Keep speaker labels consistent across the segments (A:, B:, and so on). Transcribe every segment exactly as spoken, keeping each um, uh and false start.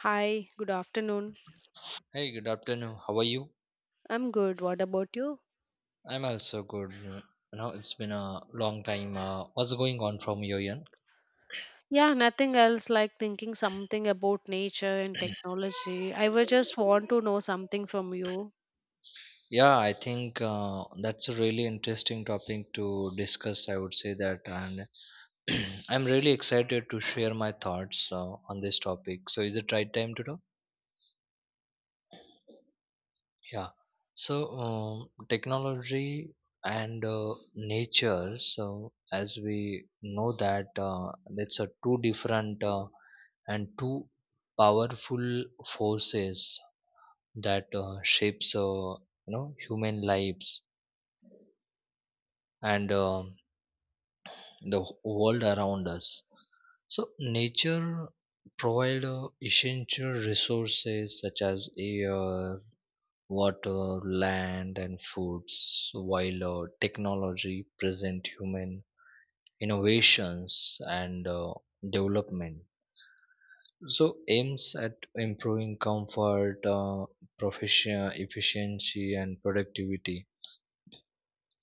A: Hi, good afternoon.
B: Hey, good afternoon. How are you?
A: I'm good. What about you?
B: I'm also good. You know, it's been a long time. Uh, what's going on from your end?
A: Yeah, nothing else like thinking something about nature and technology. I would just want to know something from you.
B: Yeah, I think uh, that's a really interesting topic to discuss. I would say that, and I'm really excited to share my thoughts uh, on this topic. So, is it right time to talk? Yeah. So, um, technology and uh, nature. So, as we know that, uh, it's a two different. Uh, and two powerful forces that uh, shapes uh, you know, human lives and um the world around us. So nature provide uh, essential resources such as air, water, land and foods, while uh, technology present human innovations and uh, development. So aims at improving comfort, uh, profession, efficiency, and productivity.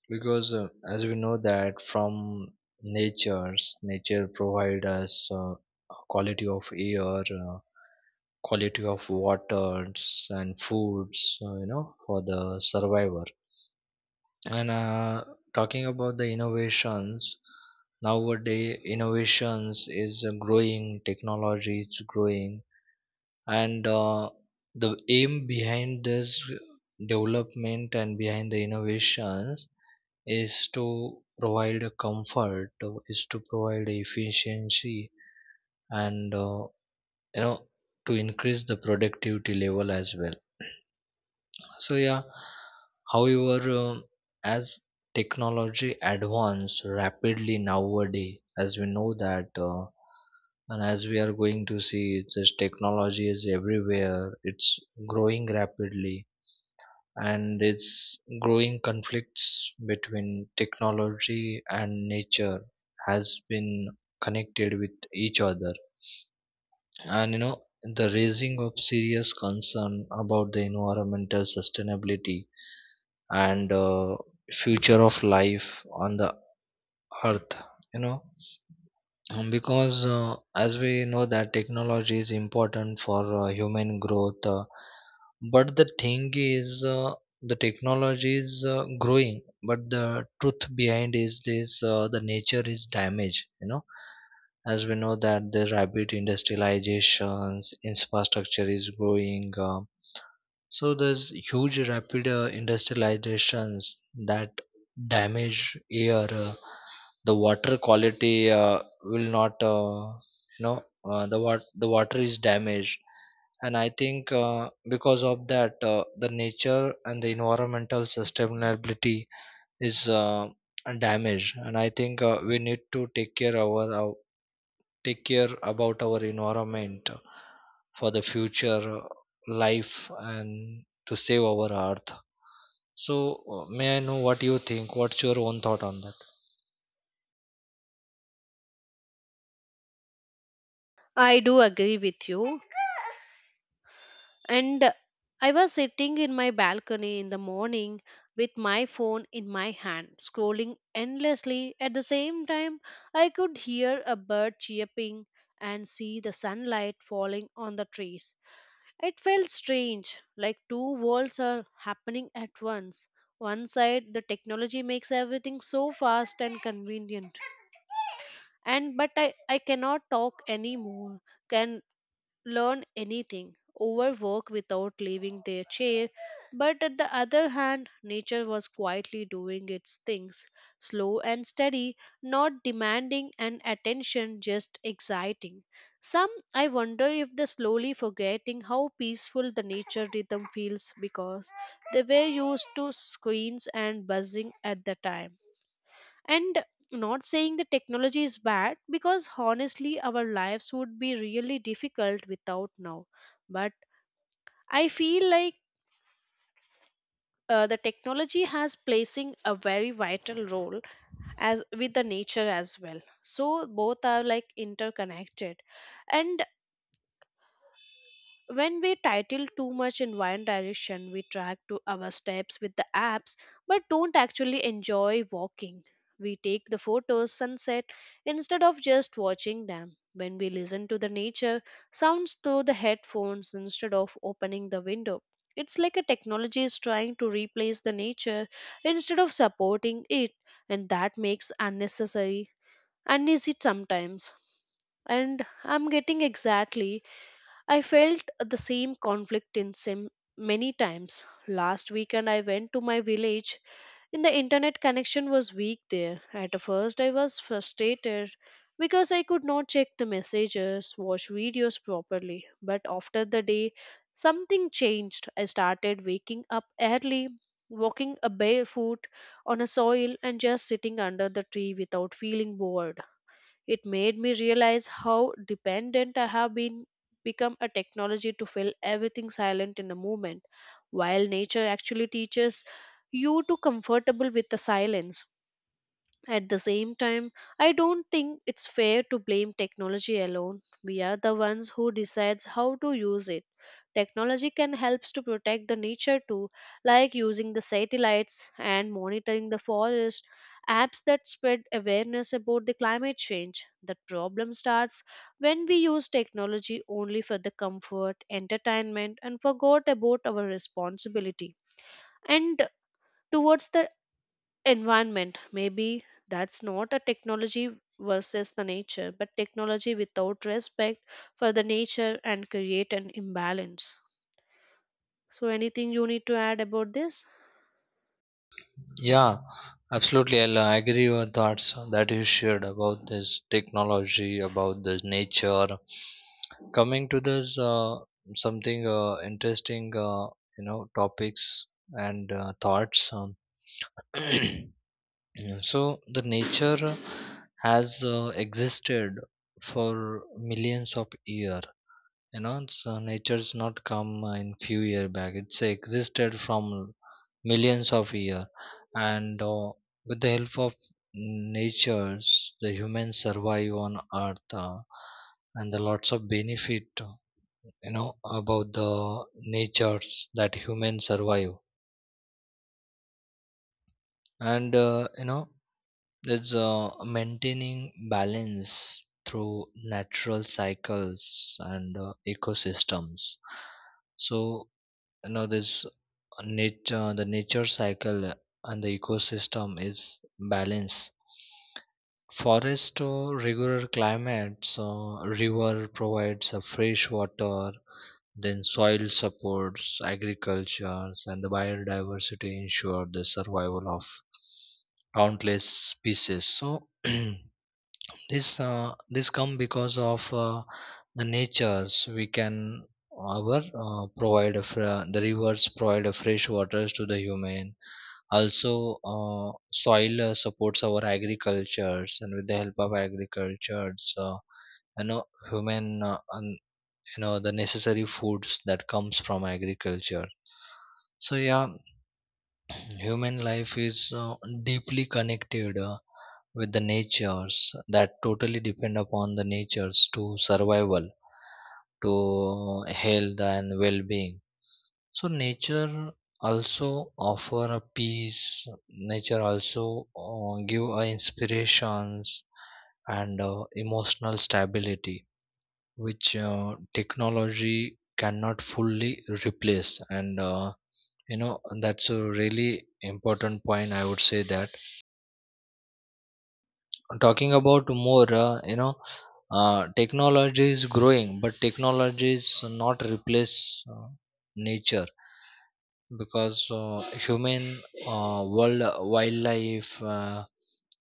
B: Because uh, as we know that from nature's nature provide us uh, quality of air, uh, quality of waters, and foods. Uh, you know, for the survivor. And uh, talking about the innovations, nowadays innovations is uh, growing, technology is growing and uh, the aim behind this development and behind the innovations is to provide a comfort, uh, is to provide efficiency and uh, you know, to increase the productivity level as well. So yeah, however, um, as technology advance rapidly nowadays, as we know that, uh, and as we are going to see, this technology is everywhere. It's growing rapidly, and it's growing conflicts between technology and nature has been connected with each other, and you know, the raising of serious concern about the environmental sustainability and uh, future of life on the earth, you know. Um, because uh, as we know that technology is important for uh, human growth, uh, but the thing is, uh, the technology is uh, growing, but the truth behind is this, uh, the nature is damaged, you know, as we know that the rapid industrializations infrastructure is growing, uh, so there's huge rapid uh, industrializations that damage air, uh, the water quality uh, will not, uh, you know, uh, the wat- the water is damaged, and I think uh, because of that, uh, the nature and the environmental sustainability is uh, damaged, and I think uh, we need to take care our, our take care about our environment for the future uh, life and to save our earth. So, uh, may I know what you think? What's your own thought on that?
A: I do agree with you. And I was sitting in my balcony in the morning with my phone in my hand, scrolling endlessly. At the same time, I could hear a bird chirping and see the sunlight falling on the trees. It felt strange, like two worlds are happening at once. One side, the technology makes everything so fast and convenient, and but I, I cannot talk anymore. Can learn anything, overwork without leaving their chair. But at the other hand, nature was quietly doing its things, slow and steady, not demanding an attention, just exciting. Some I wonder if they slowly forgetting how peaceful the nature rhythm feels because they were used to screens and buzzing at the time. And not saying the technology is bad because honestly, our lives would be really difficult without now. But I feel like uh, the technology has placing a very vital role as with the nature as well, so both are like interconnected. And when we title too much in one direction, we track to our steps with the apps but don't actually enjoy walking. We take the photos sunset instead of just watching them. When we listen to the nature sounds through the headphones instead of opening the window. It's like a technology is trying to replace the nature instead of supporting it, and that makes unnecessary uneasy sometimes. And I'm getting exactly I felt the same conflict in sim many times. Last weekend I went to my village and the internet connection was weak there. At first I was frustrated because I could not check the messages, watch videos properly. But after the day something changed. I started waking up early, walking a barefoot on a soil and just sitting under the tree without feeling bored. It made me realize how dependent I have been become a technology to fill everything silent in a moment, while nature actually teaches you to comfortable with the silence. At the same time, I don't think it's fair to blame technology alone. We are the ones who decides how to use it. Technology can help to protect the nature too, like using the satellites and monitoring the forest, apps that spread awareness about the climate change. The problem starts when we use technology only for the comfort, entertainment and forgot about our responsibility and towards the environment maybe that's not a technology versus the nature but technology without respect for the nature and create an imbalance. So anything you need to add about this?
B: Yeah, absolutely. I'll uh, agree with your thoughts that you shared about this technology, about this nature. Coming to this uh, something uh, interesting, uh, you know, topics and uh, thoughts. Um, yeah, so, the nature has uh, existed for millions of years. You know, so nature's not come uh, in few year back. It's existed from millions of years and uh, with the help of natures, the humans survive on earth, uh, and the lots of benefit, uh, you know, about the natures that humans survive and uh, you know, it's uh, maintaining balance through natural cycles and uh, ecosystems. So now this nature the nature cycle and the ecosystem is balanced, forest to regular climate, so river provides a fresh water, then soil supports agriculture and the biodiversity ensure the survival of countless species. So this uh, this come because of uh, the natures we can our, uh, provide a fr- the rivers provide a fresh waters to the human, also uh, soil uh, supports our agricultures and with the help of agricultures, uh, you know, human uh, and, you know, the necessary foods that comes from agriculture. So yeah, human life is uh, deeply connected uh, with the natures, that totally depend upon the natures to survival, to health and well-being. So nature also offer a peace. Nature also uh, give uh, inspirations and uh, emotional stability, which uh, technology cannot fully replace and. Uh, you know, that's a really important point. I would say that talking about more, uh, you know, uh, technology is growing, but technology is not replace uh, nature, because uh, human, uh, world wildlife, uh,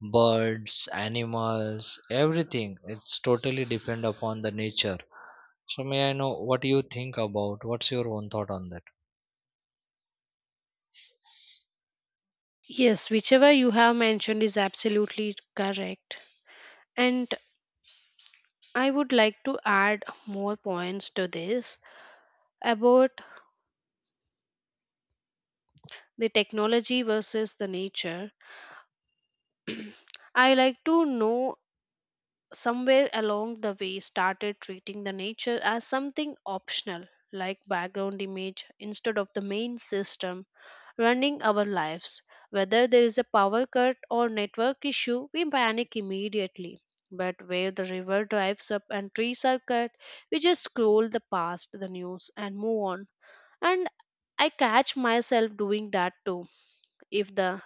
B: birds, animals, everything it's totally depend upon the nature. So may I know what you think about? What's your own thought on that?
A: Yes, whichever you have mentioned is absolutely correct, and I would like to add more points to this about the technology versus the nature. I like to know somewhere along the way started treating the nature as something optional, like background image instead of the main system running our lives. Whether there is a power cut or network issue we panic immediately, but where the river drives up and trees are cut we just scroll the past the news and move on. And I catch myself doing that too. if the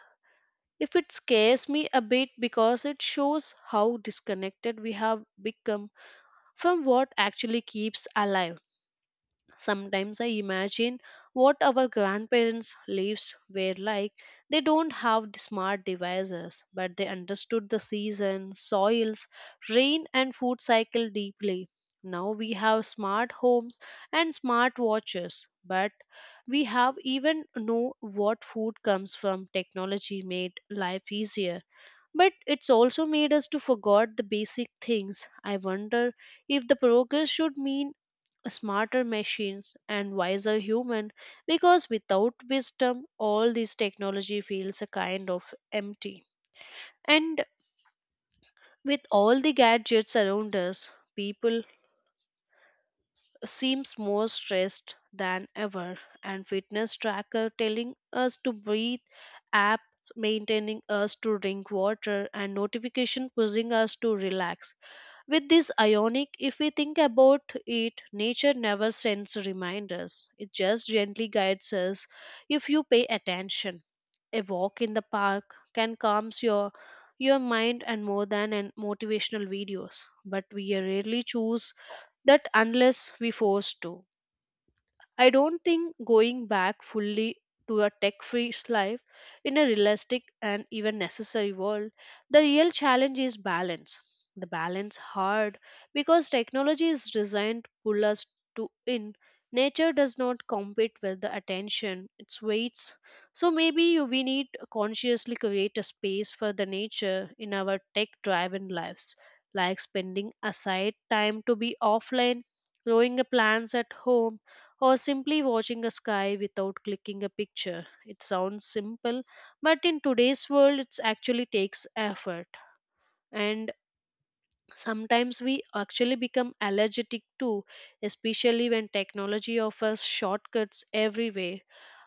A: if it scares me a bit because it shows how disconnected we have become from what actually keeps alive. Sometimes I imagine what our grandparents' lives were like. They don't have the smart devices, but they understood the seasons, soils, rain, and food cycle deeply. Now we have smart homes and smart watches, but we have even know what food comes from. Technology made life easier, but it's also made us to forget the basic things. I wonder if the progress should mean smarter machines and wiser human, because without wisdom all this technology feels a kind of empty. And with all the gadgets around us, people seems more stressed than ever, and fitness tracker telling us to breathe, apps maintaining us to drink water and notification pushing us to relax. With this ionic, if we think about it, nature never sends reminders. It just gently guides us if you pay attention. A walk in the park can calm your your mind and more than an motivational videos, but we rarely choose that unless we forced to. I don't think going back fully to a tech free life in a realistic and even necessary world, the real challenge is balance. The balance hard because technology is designed to pull us to in. Nature does not compete with the attention, its weights. So maybe you- we need to consciously create a space for the nature in our tech driven lives, like spending aside time to be offline, growing a plants at home or simply watching a sky without clicking a picture. It sounds simple, but in today's world, it actually takes effort. And sometimes we actually become allergic to, especially when technology offers shortcuts everywhere.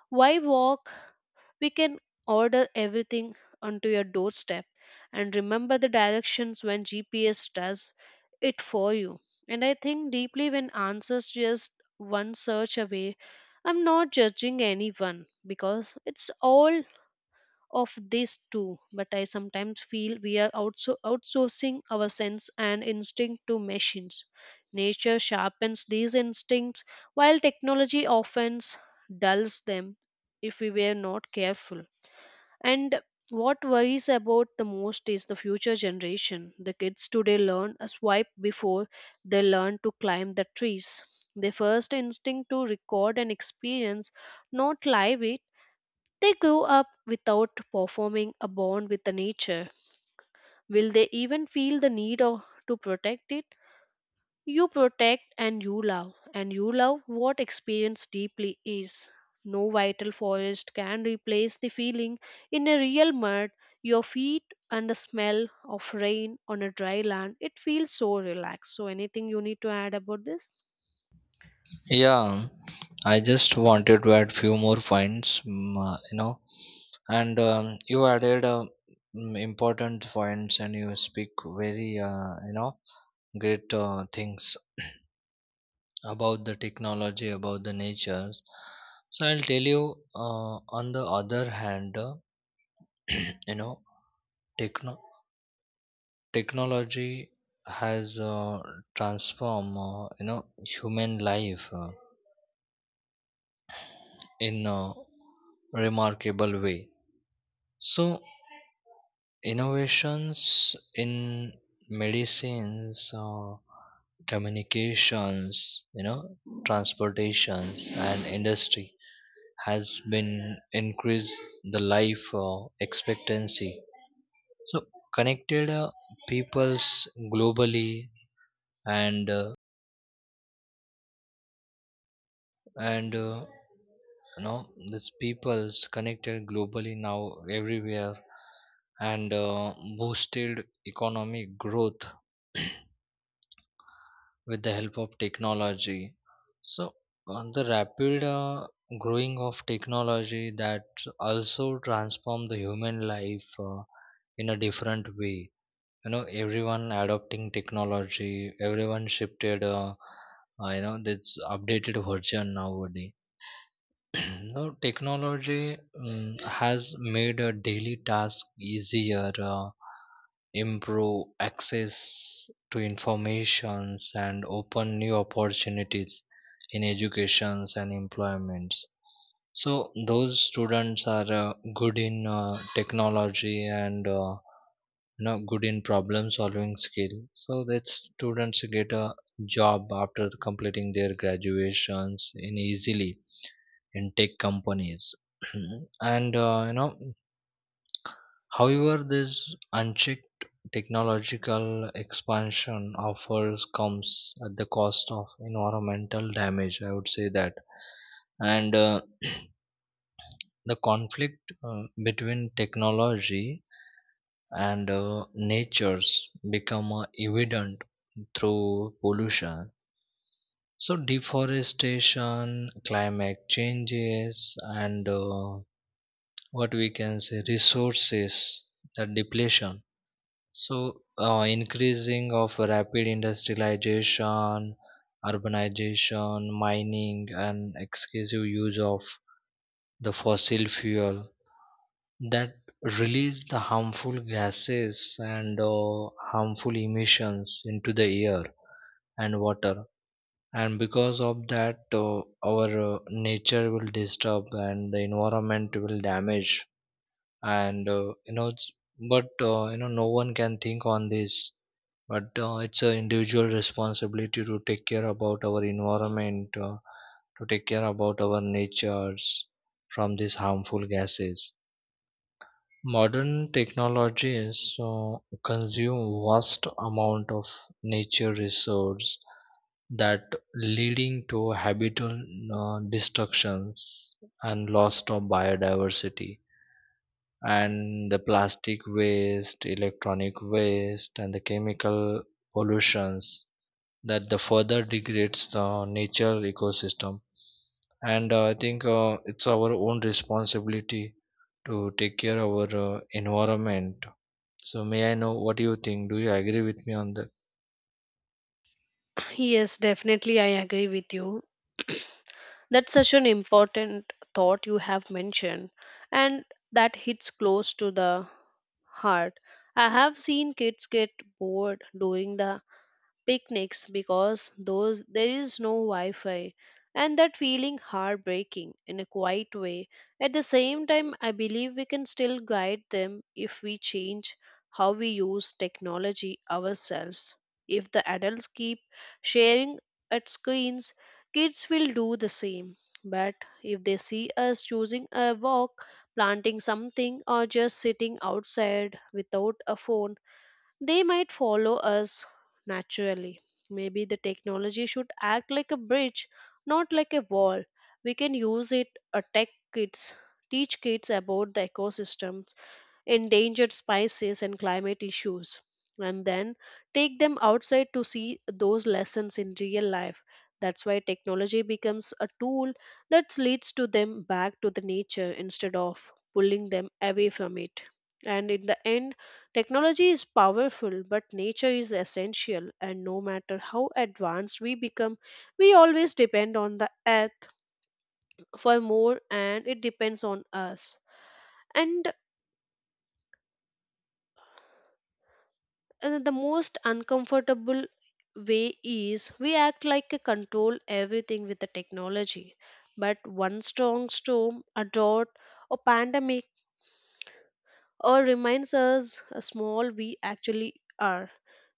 A: Why walk we can order everything onto your doorstep, and remember the directions when G P S does it for you. And I think deeply when answers just one search away. I'm not judging anyone because it's all of these too, but I sometimes feel we are outso- outsourcing our sense and instinct to machines. Nature sharpens these instincts while technology often dulls them if we were not careful. And what worries about the most is the future generation. The kids today learn a swipe before they learn to climb the trees. Their first instinct to record an experience, not live it. They grow up without performing a bond with the nature. Will they even feel the need of, to protect it? You protect and you love, and you love what experience deeply is. No vital forest can replace the feeling in a real mud, your feet and the smell of rain on a dry land. It feels so relaxed. So, anything you need to add about this?
B: Yeah, I just wanted to add few more points, mm, uh, you know, and um, you added uh, mm, important points, and you speak very, uh, you know, great uh, things about the technology, about the natures. So I'll tell you. Uh, on the other hand, uh, you know, techno technology has uh, transformed, uh, you know, human life uh, in a remarkable way. So innovations in medicines or communications, you know, transportations and industry has been increased the life uh, expectancy. So connected uh, peoples globally and uh, and uh, you know, these peoples connected globally now everywhere and uh, boosted economic growth with the help of technology. So, on the rapid uh, growing of technology, that also transform the human life uh, in a different way. You know, everyone adopting technology, everyone shifted, uh, uh, you know, this updated version nowadays. Now, technology um, has made a daily task easier. Uh, improve access to informations and open new opportunities in educations and employments. So those students are uh, good in uh, technology and uh, you know, good in problem solving skill. So that students get a job after completing their graduations in easily in tech companies. and uh, you know, however, this unchecked technological expansion offers comes at the cost of environmental damage. I would say that, and uh, the conflict uh, between technology and uh, natures become uh, evident through pollution. So deforestation, climate changes, and uh, what we can say resources, the depletion. So, uh, increasing of rapid industrialization, urbanization, mining, and excessive use of the fossil fuel that release the harmful gases and uh, harmful emissions into the air and water. And because of that, uh, our uh, nature will disturb and the environment will damage. And uh, you know, it's- but uh, you know, no one can think on this, but uh, it's an individual responsibility to take care about our environment, uh, to take care about our natures from these harmful gases. Modern technologies uh, consume vast amount of nature resource that leading to habitat uh, destructions and loss of biodiversity, and the plastic waste, electronic waste and the chemical pollutions that the further degrades the nature ecosystem. And uh, i think uh, it's our own responsibility to take care of our uh, environment. So may I know what you think? Do you agree with me on that?
A: Yes, definitely, I agree with you. That's such an important thought you have mentioned, and that hits close to the heart. I have seen kids get bored doing the picnics because those there is no wi-fi, and that feeling heartbreaking in a quiet way. At the same time I believe we can still guide them if we change how we use technology ourselves. If the adults keep sharing at screens, kids will do the same. But if they see us choosing a walk, planting something or just sitting outside without a phone, they might follow us naturally. Maybe the technology should act like a bridge, not like a wall. We can use it, uh, tech kids, teach kids about the ecosystem, endangered species and climate issues, and then take them outside to see those lessons in real life. That's why technology becomes a tool that leads to them back to the nature instead of pulling them away from it. And in the end, technology is powerful but nature is essential, and no matter how advanced we become we always depend on the earth for more and it depends on us. And And the most uncomfortable way is we act like a control everything with the technology. But one strong storm, a drought, or pandemic, or reminds us how small we actually are.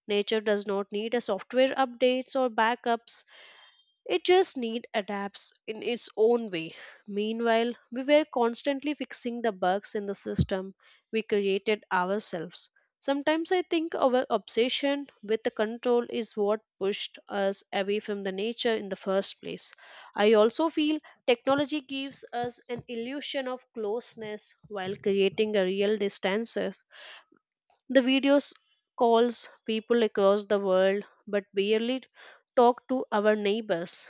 A: Nature does not need a software updates or backups. It just need adapts in its own way. Meanwhile, we were constantly fixing the bugs in the system we created ourselves. Sometimes I think our obsession with the control is what pushed us away from the nature in the first place. I also feel technology gives us an illusion of closeness while creating a real distances. The videos calls people across the world but barely talk to our neighbors.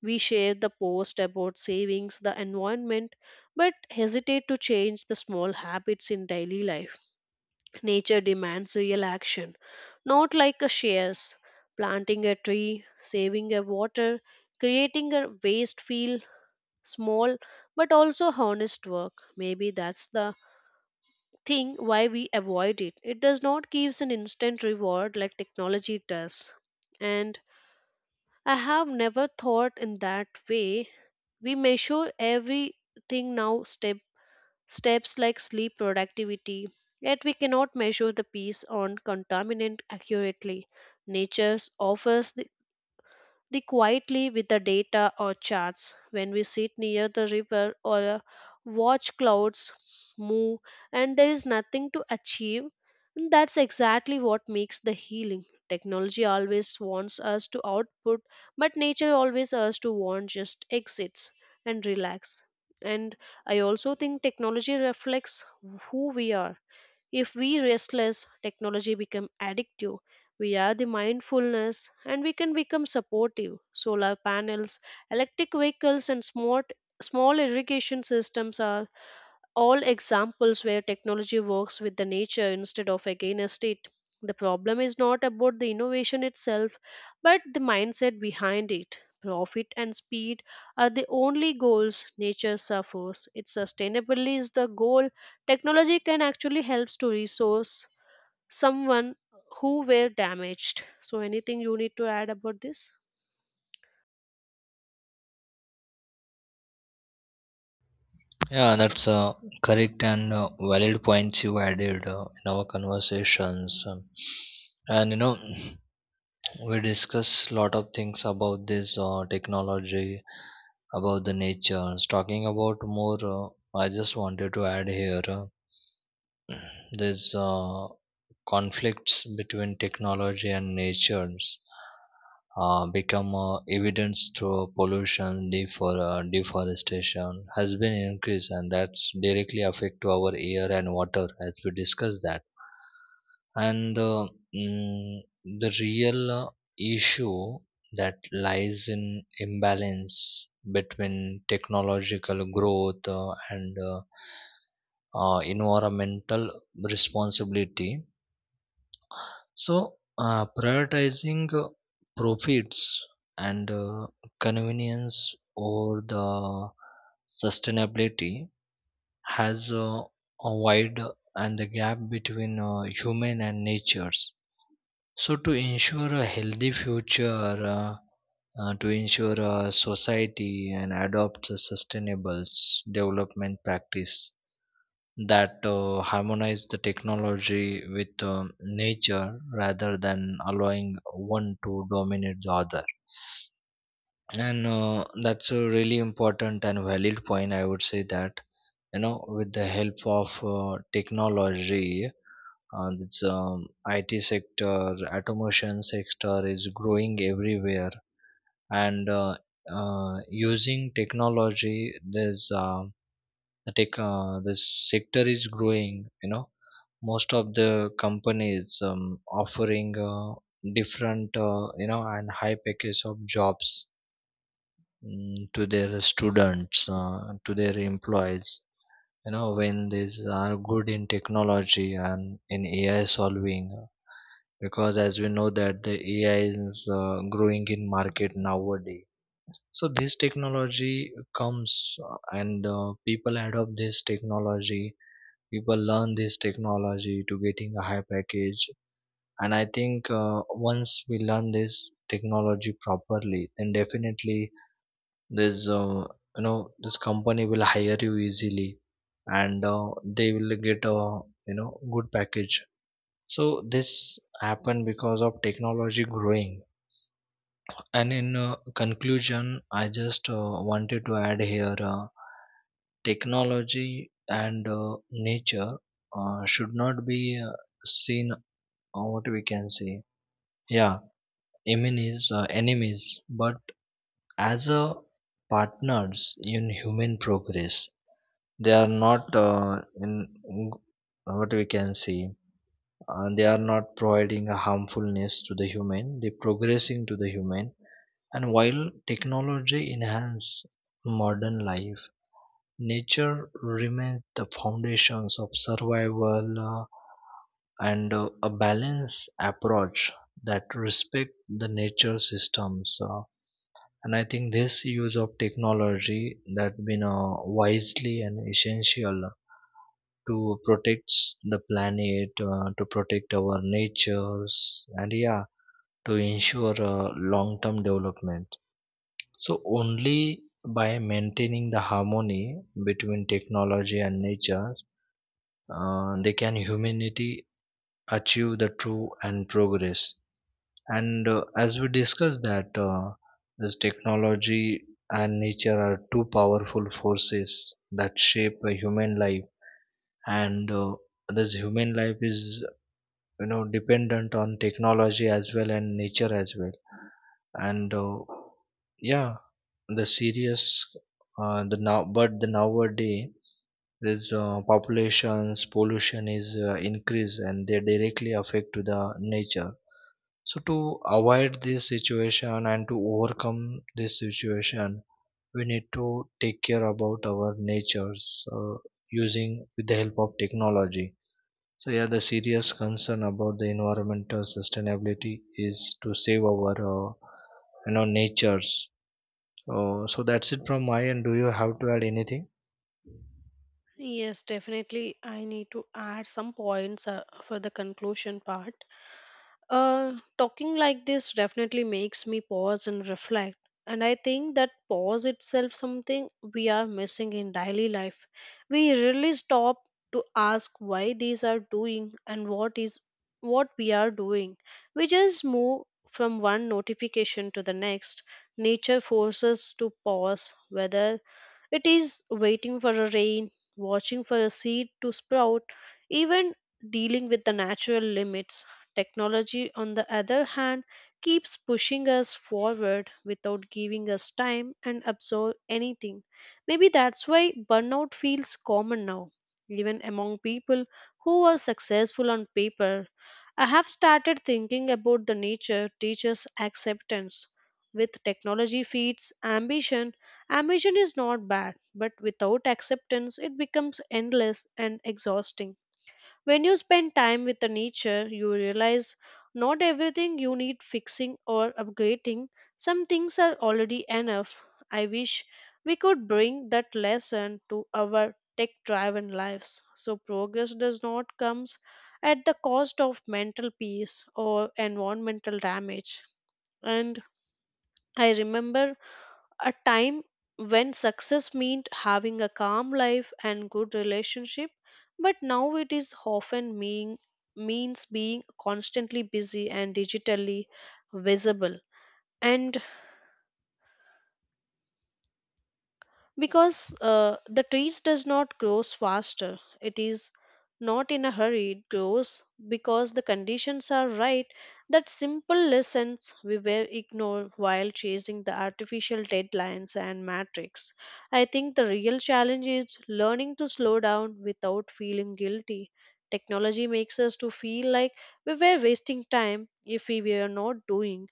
A: We share the post about savings, the environment, but hesitate to change the small habits in daily life. Nature demands real action, not like a shares. Planting a tree, saving a water, creating a waste feel small but also honest work. Maybe that's the thing why we avoid it. It does not give an instant reward like technology does. And I have never thought in that way we measure everything now step steps like sleep productivity, yet we cannot measure the piece on contaminant accurately. Nature offers the they quietly with the data or charts. When we sit near the river or uh, watch clouds move and there is nothing to achieve, and that's exactly what makes the healing. Technology always wants us to output, but nature always us to want just exits and relax. And I also think technology reflects who we are. If we restless, technology become addictive. We are the mindfulness and we can become supportive. Solar panels, electric vehicles and smart small irrigation systems are all examples where technology works with the nature instead of against it. The problem is not about the innovation itself, but the mindset behind it. Profit and speed are the only goals nature suffers. Its sustainability is the goal. Technology can actually helps to resource someone who were damaged. So anything you need to add about this?
B: Yeah, that's uh, correct and uh, valid points you added uh, in our conversations. Um, and you know, we discuss lot of things about this uh, technology, about the nature. Talking about more, uh, I just wanted to add here. uh, There's uh, conflicts between technology and natures uh, become uh, evident through pollution, defor- uh, deforestation has been increased, and that's directly affect to our air and water as we discussed that. And uh, mm, the real uh, issue that lies in imbalance between technological growth uh, and uh, uh, environmental responsibility. So uh, prioritizing uh, profits and uh, convenience over the sustainability has uh, a wide and the gap between uh, human and natures. So to ensure a healthy future, uh, uh, to ensure a society and adopt a sustainable s- development practice that uh, harmonize the technology with um nature rather than allowing one to dominate the other. And uh, that's a really important and valid point, I would say that. You know, with the help of uh, technology, uh, this um, it sector, automation sector is growing everywhere, and uh, uh, using technology, there's uh, the tech uh, this sector is growing, you know. Most of the companies um, offering uh, different, uh, you know, and high package of jobs, mm, to their students, uh, to their employees, you know, when these are good in technology and in A I solving, uh, because as we know that the A I is uh, growing in market nowadays. So this technology comes, uh, and uh, people adopt this technology. People learn this technology to getting a high package. And I think uh, once we learn this technology properly, then definitely this, uh, you know, this company will hire you easily, and uh, they will get a, you know, good package. So this happened because of technology growing. And in uh, conclusion, I just uh, wanted to add here, uh, technology and uh, nature uh, should not be uh, seen, uh, what we can say, yeah, enemies, uh, enemies, but as a partners in human progress. They are not uh, in what we can see. Uh, they are not providing a harmfulness to the human. They progressing to the human. And while technology enhances modern life, nature remains the foundations of survival, uh, and uh, a balanced approach that respect the nature systems, uh, and I think this use of technology that been uh, wisely and essential to protect the planet, uh, to protect our natures, and yeah, to ensure uh, long-term development. So only by maintaining the harmony between technology and nature, uh, they can humanity achieve the true and progress. And uh, as we discussed that uh, this technology and nature are two powerful forces that shape a human life, and uh, this human life is, you know, dependent on technology as well and nature as well. And uh, yeah, the serious, uh, the now but the nowadays this uh, populations pollution is uh, increased and they directly affect to the nature. So to avoid this situation and to overcome this situation, we need to take care about our natures, uh, using with the help of technology. So yeah, the serious concern about the environmental sustainability is to save our, uh, you know, natures. Uh, so that's it from my end. Do you have to add anything?
A: Yes, definitely. I need to add some points uh, for the conclusion part. Uh, talking like this definitely makes me pause and reflect. And I think that pause itself something we are missing in daily life. We rarely stop to ask why these are doing and what is what we are doing. We just move from one notification to the next. Nature forces to pause whether it is waiting for a rain, watching for a seed to sprout, even dealing with the natural limits. Technology, on the other hand, keeps pushing us forward without giving us time and absorb anything. Maybe that's why burnout feels common now, even among people who are successful on paper. I have started thinking about the nature teaches acceptance. With technology feeds ambition, ambition is not bad, but without acceptance, it becomes endless and exhausting. When you spend time with the nature, you realize not everything you need fixing or upgrading. Some things are already enough. I wish we could bring that lesson to our tech driven lives. So, progress does not come at the cost of mental peace or environmental damage. And I remember a time when success meant having a calm life and good relationship, but now it is often mean means being constantly busy and digitally visible. And because uh, the trees does not grows faster, it is not in a hurry. It grows because the conditions are right. That simple lessons we were ignored while chasing the artificial deadlines and matrix. I think the real challenge is learning to slow down without feeling guilty. Technology makes us to feel like we were wasting time if we were not doing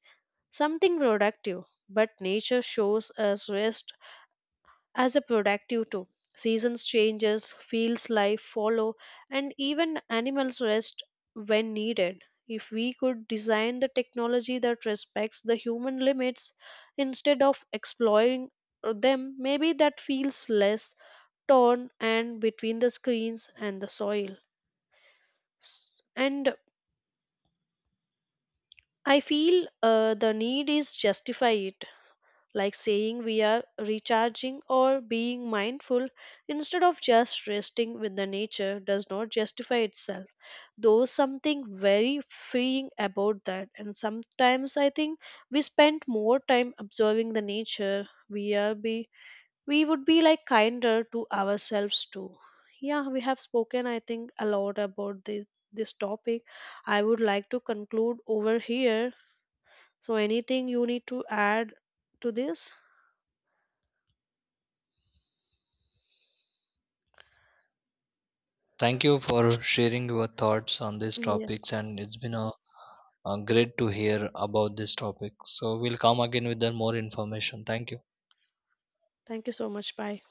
A: something productive, but nature shows us rest as a productive too. Seasons changes, fields life follow, and even animals rest when needed. If we could design the technology that respects the human limits instead of exploiting them, maybe that feels less torn and between the screens and the soil. S- And I feel uh, the need is justify it, like saying we are recharging or being mindful instead of just resting with the nature does not justify itself. There's something very freeing about that, and sometimes I think we spend more time observing the nature. We are be we would be like kinder to ourselves too. Yeah, we have spoken I think a lot about this this topic. I would like to conclude over here. So anything you need to add to this?
B: Thank you for sharing your thoughts on these topics, and it's been a, a great to hear about this topic. So we'll come again with the more information. Thank you.
A: Thank you so much. Bye.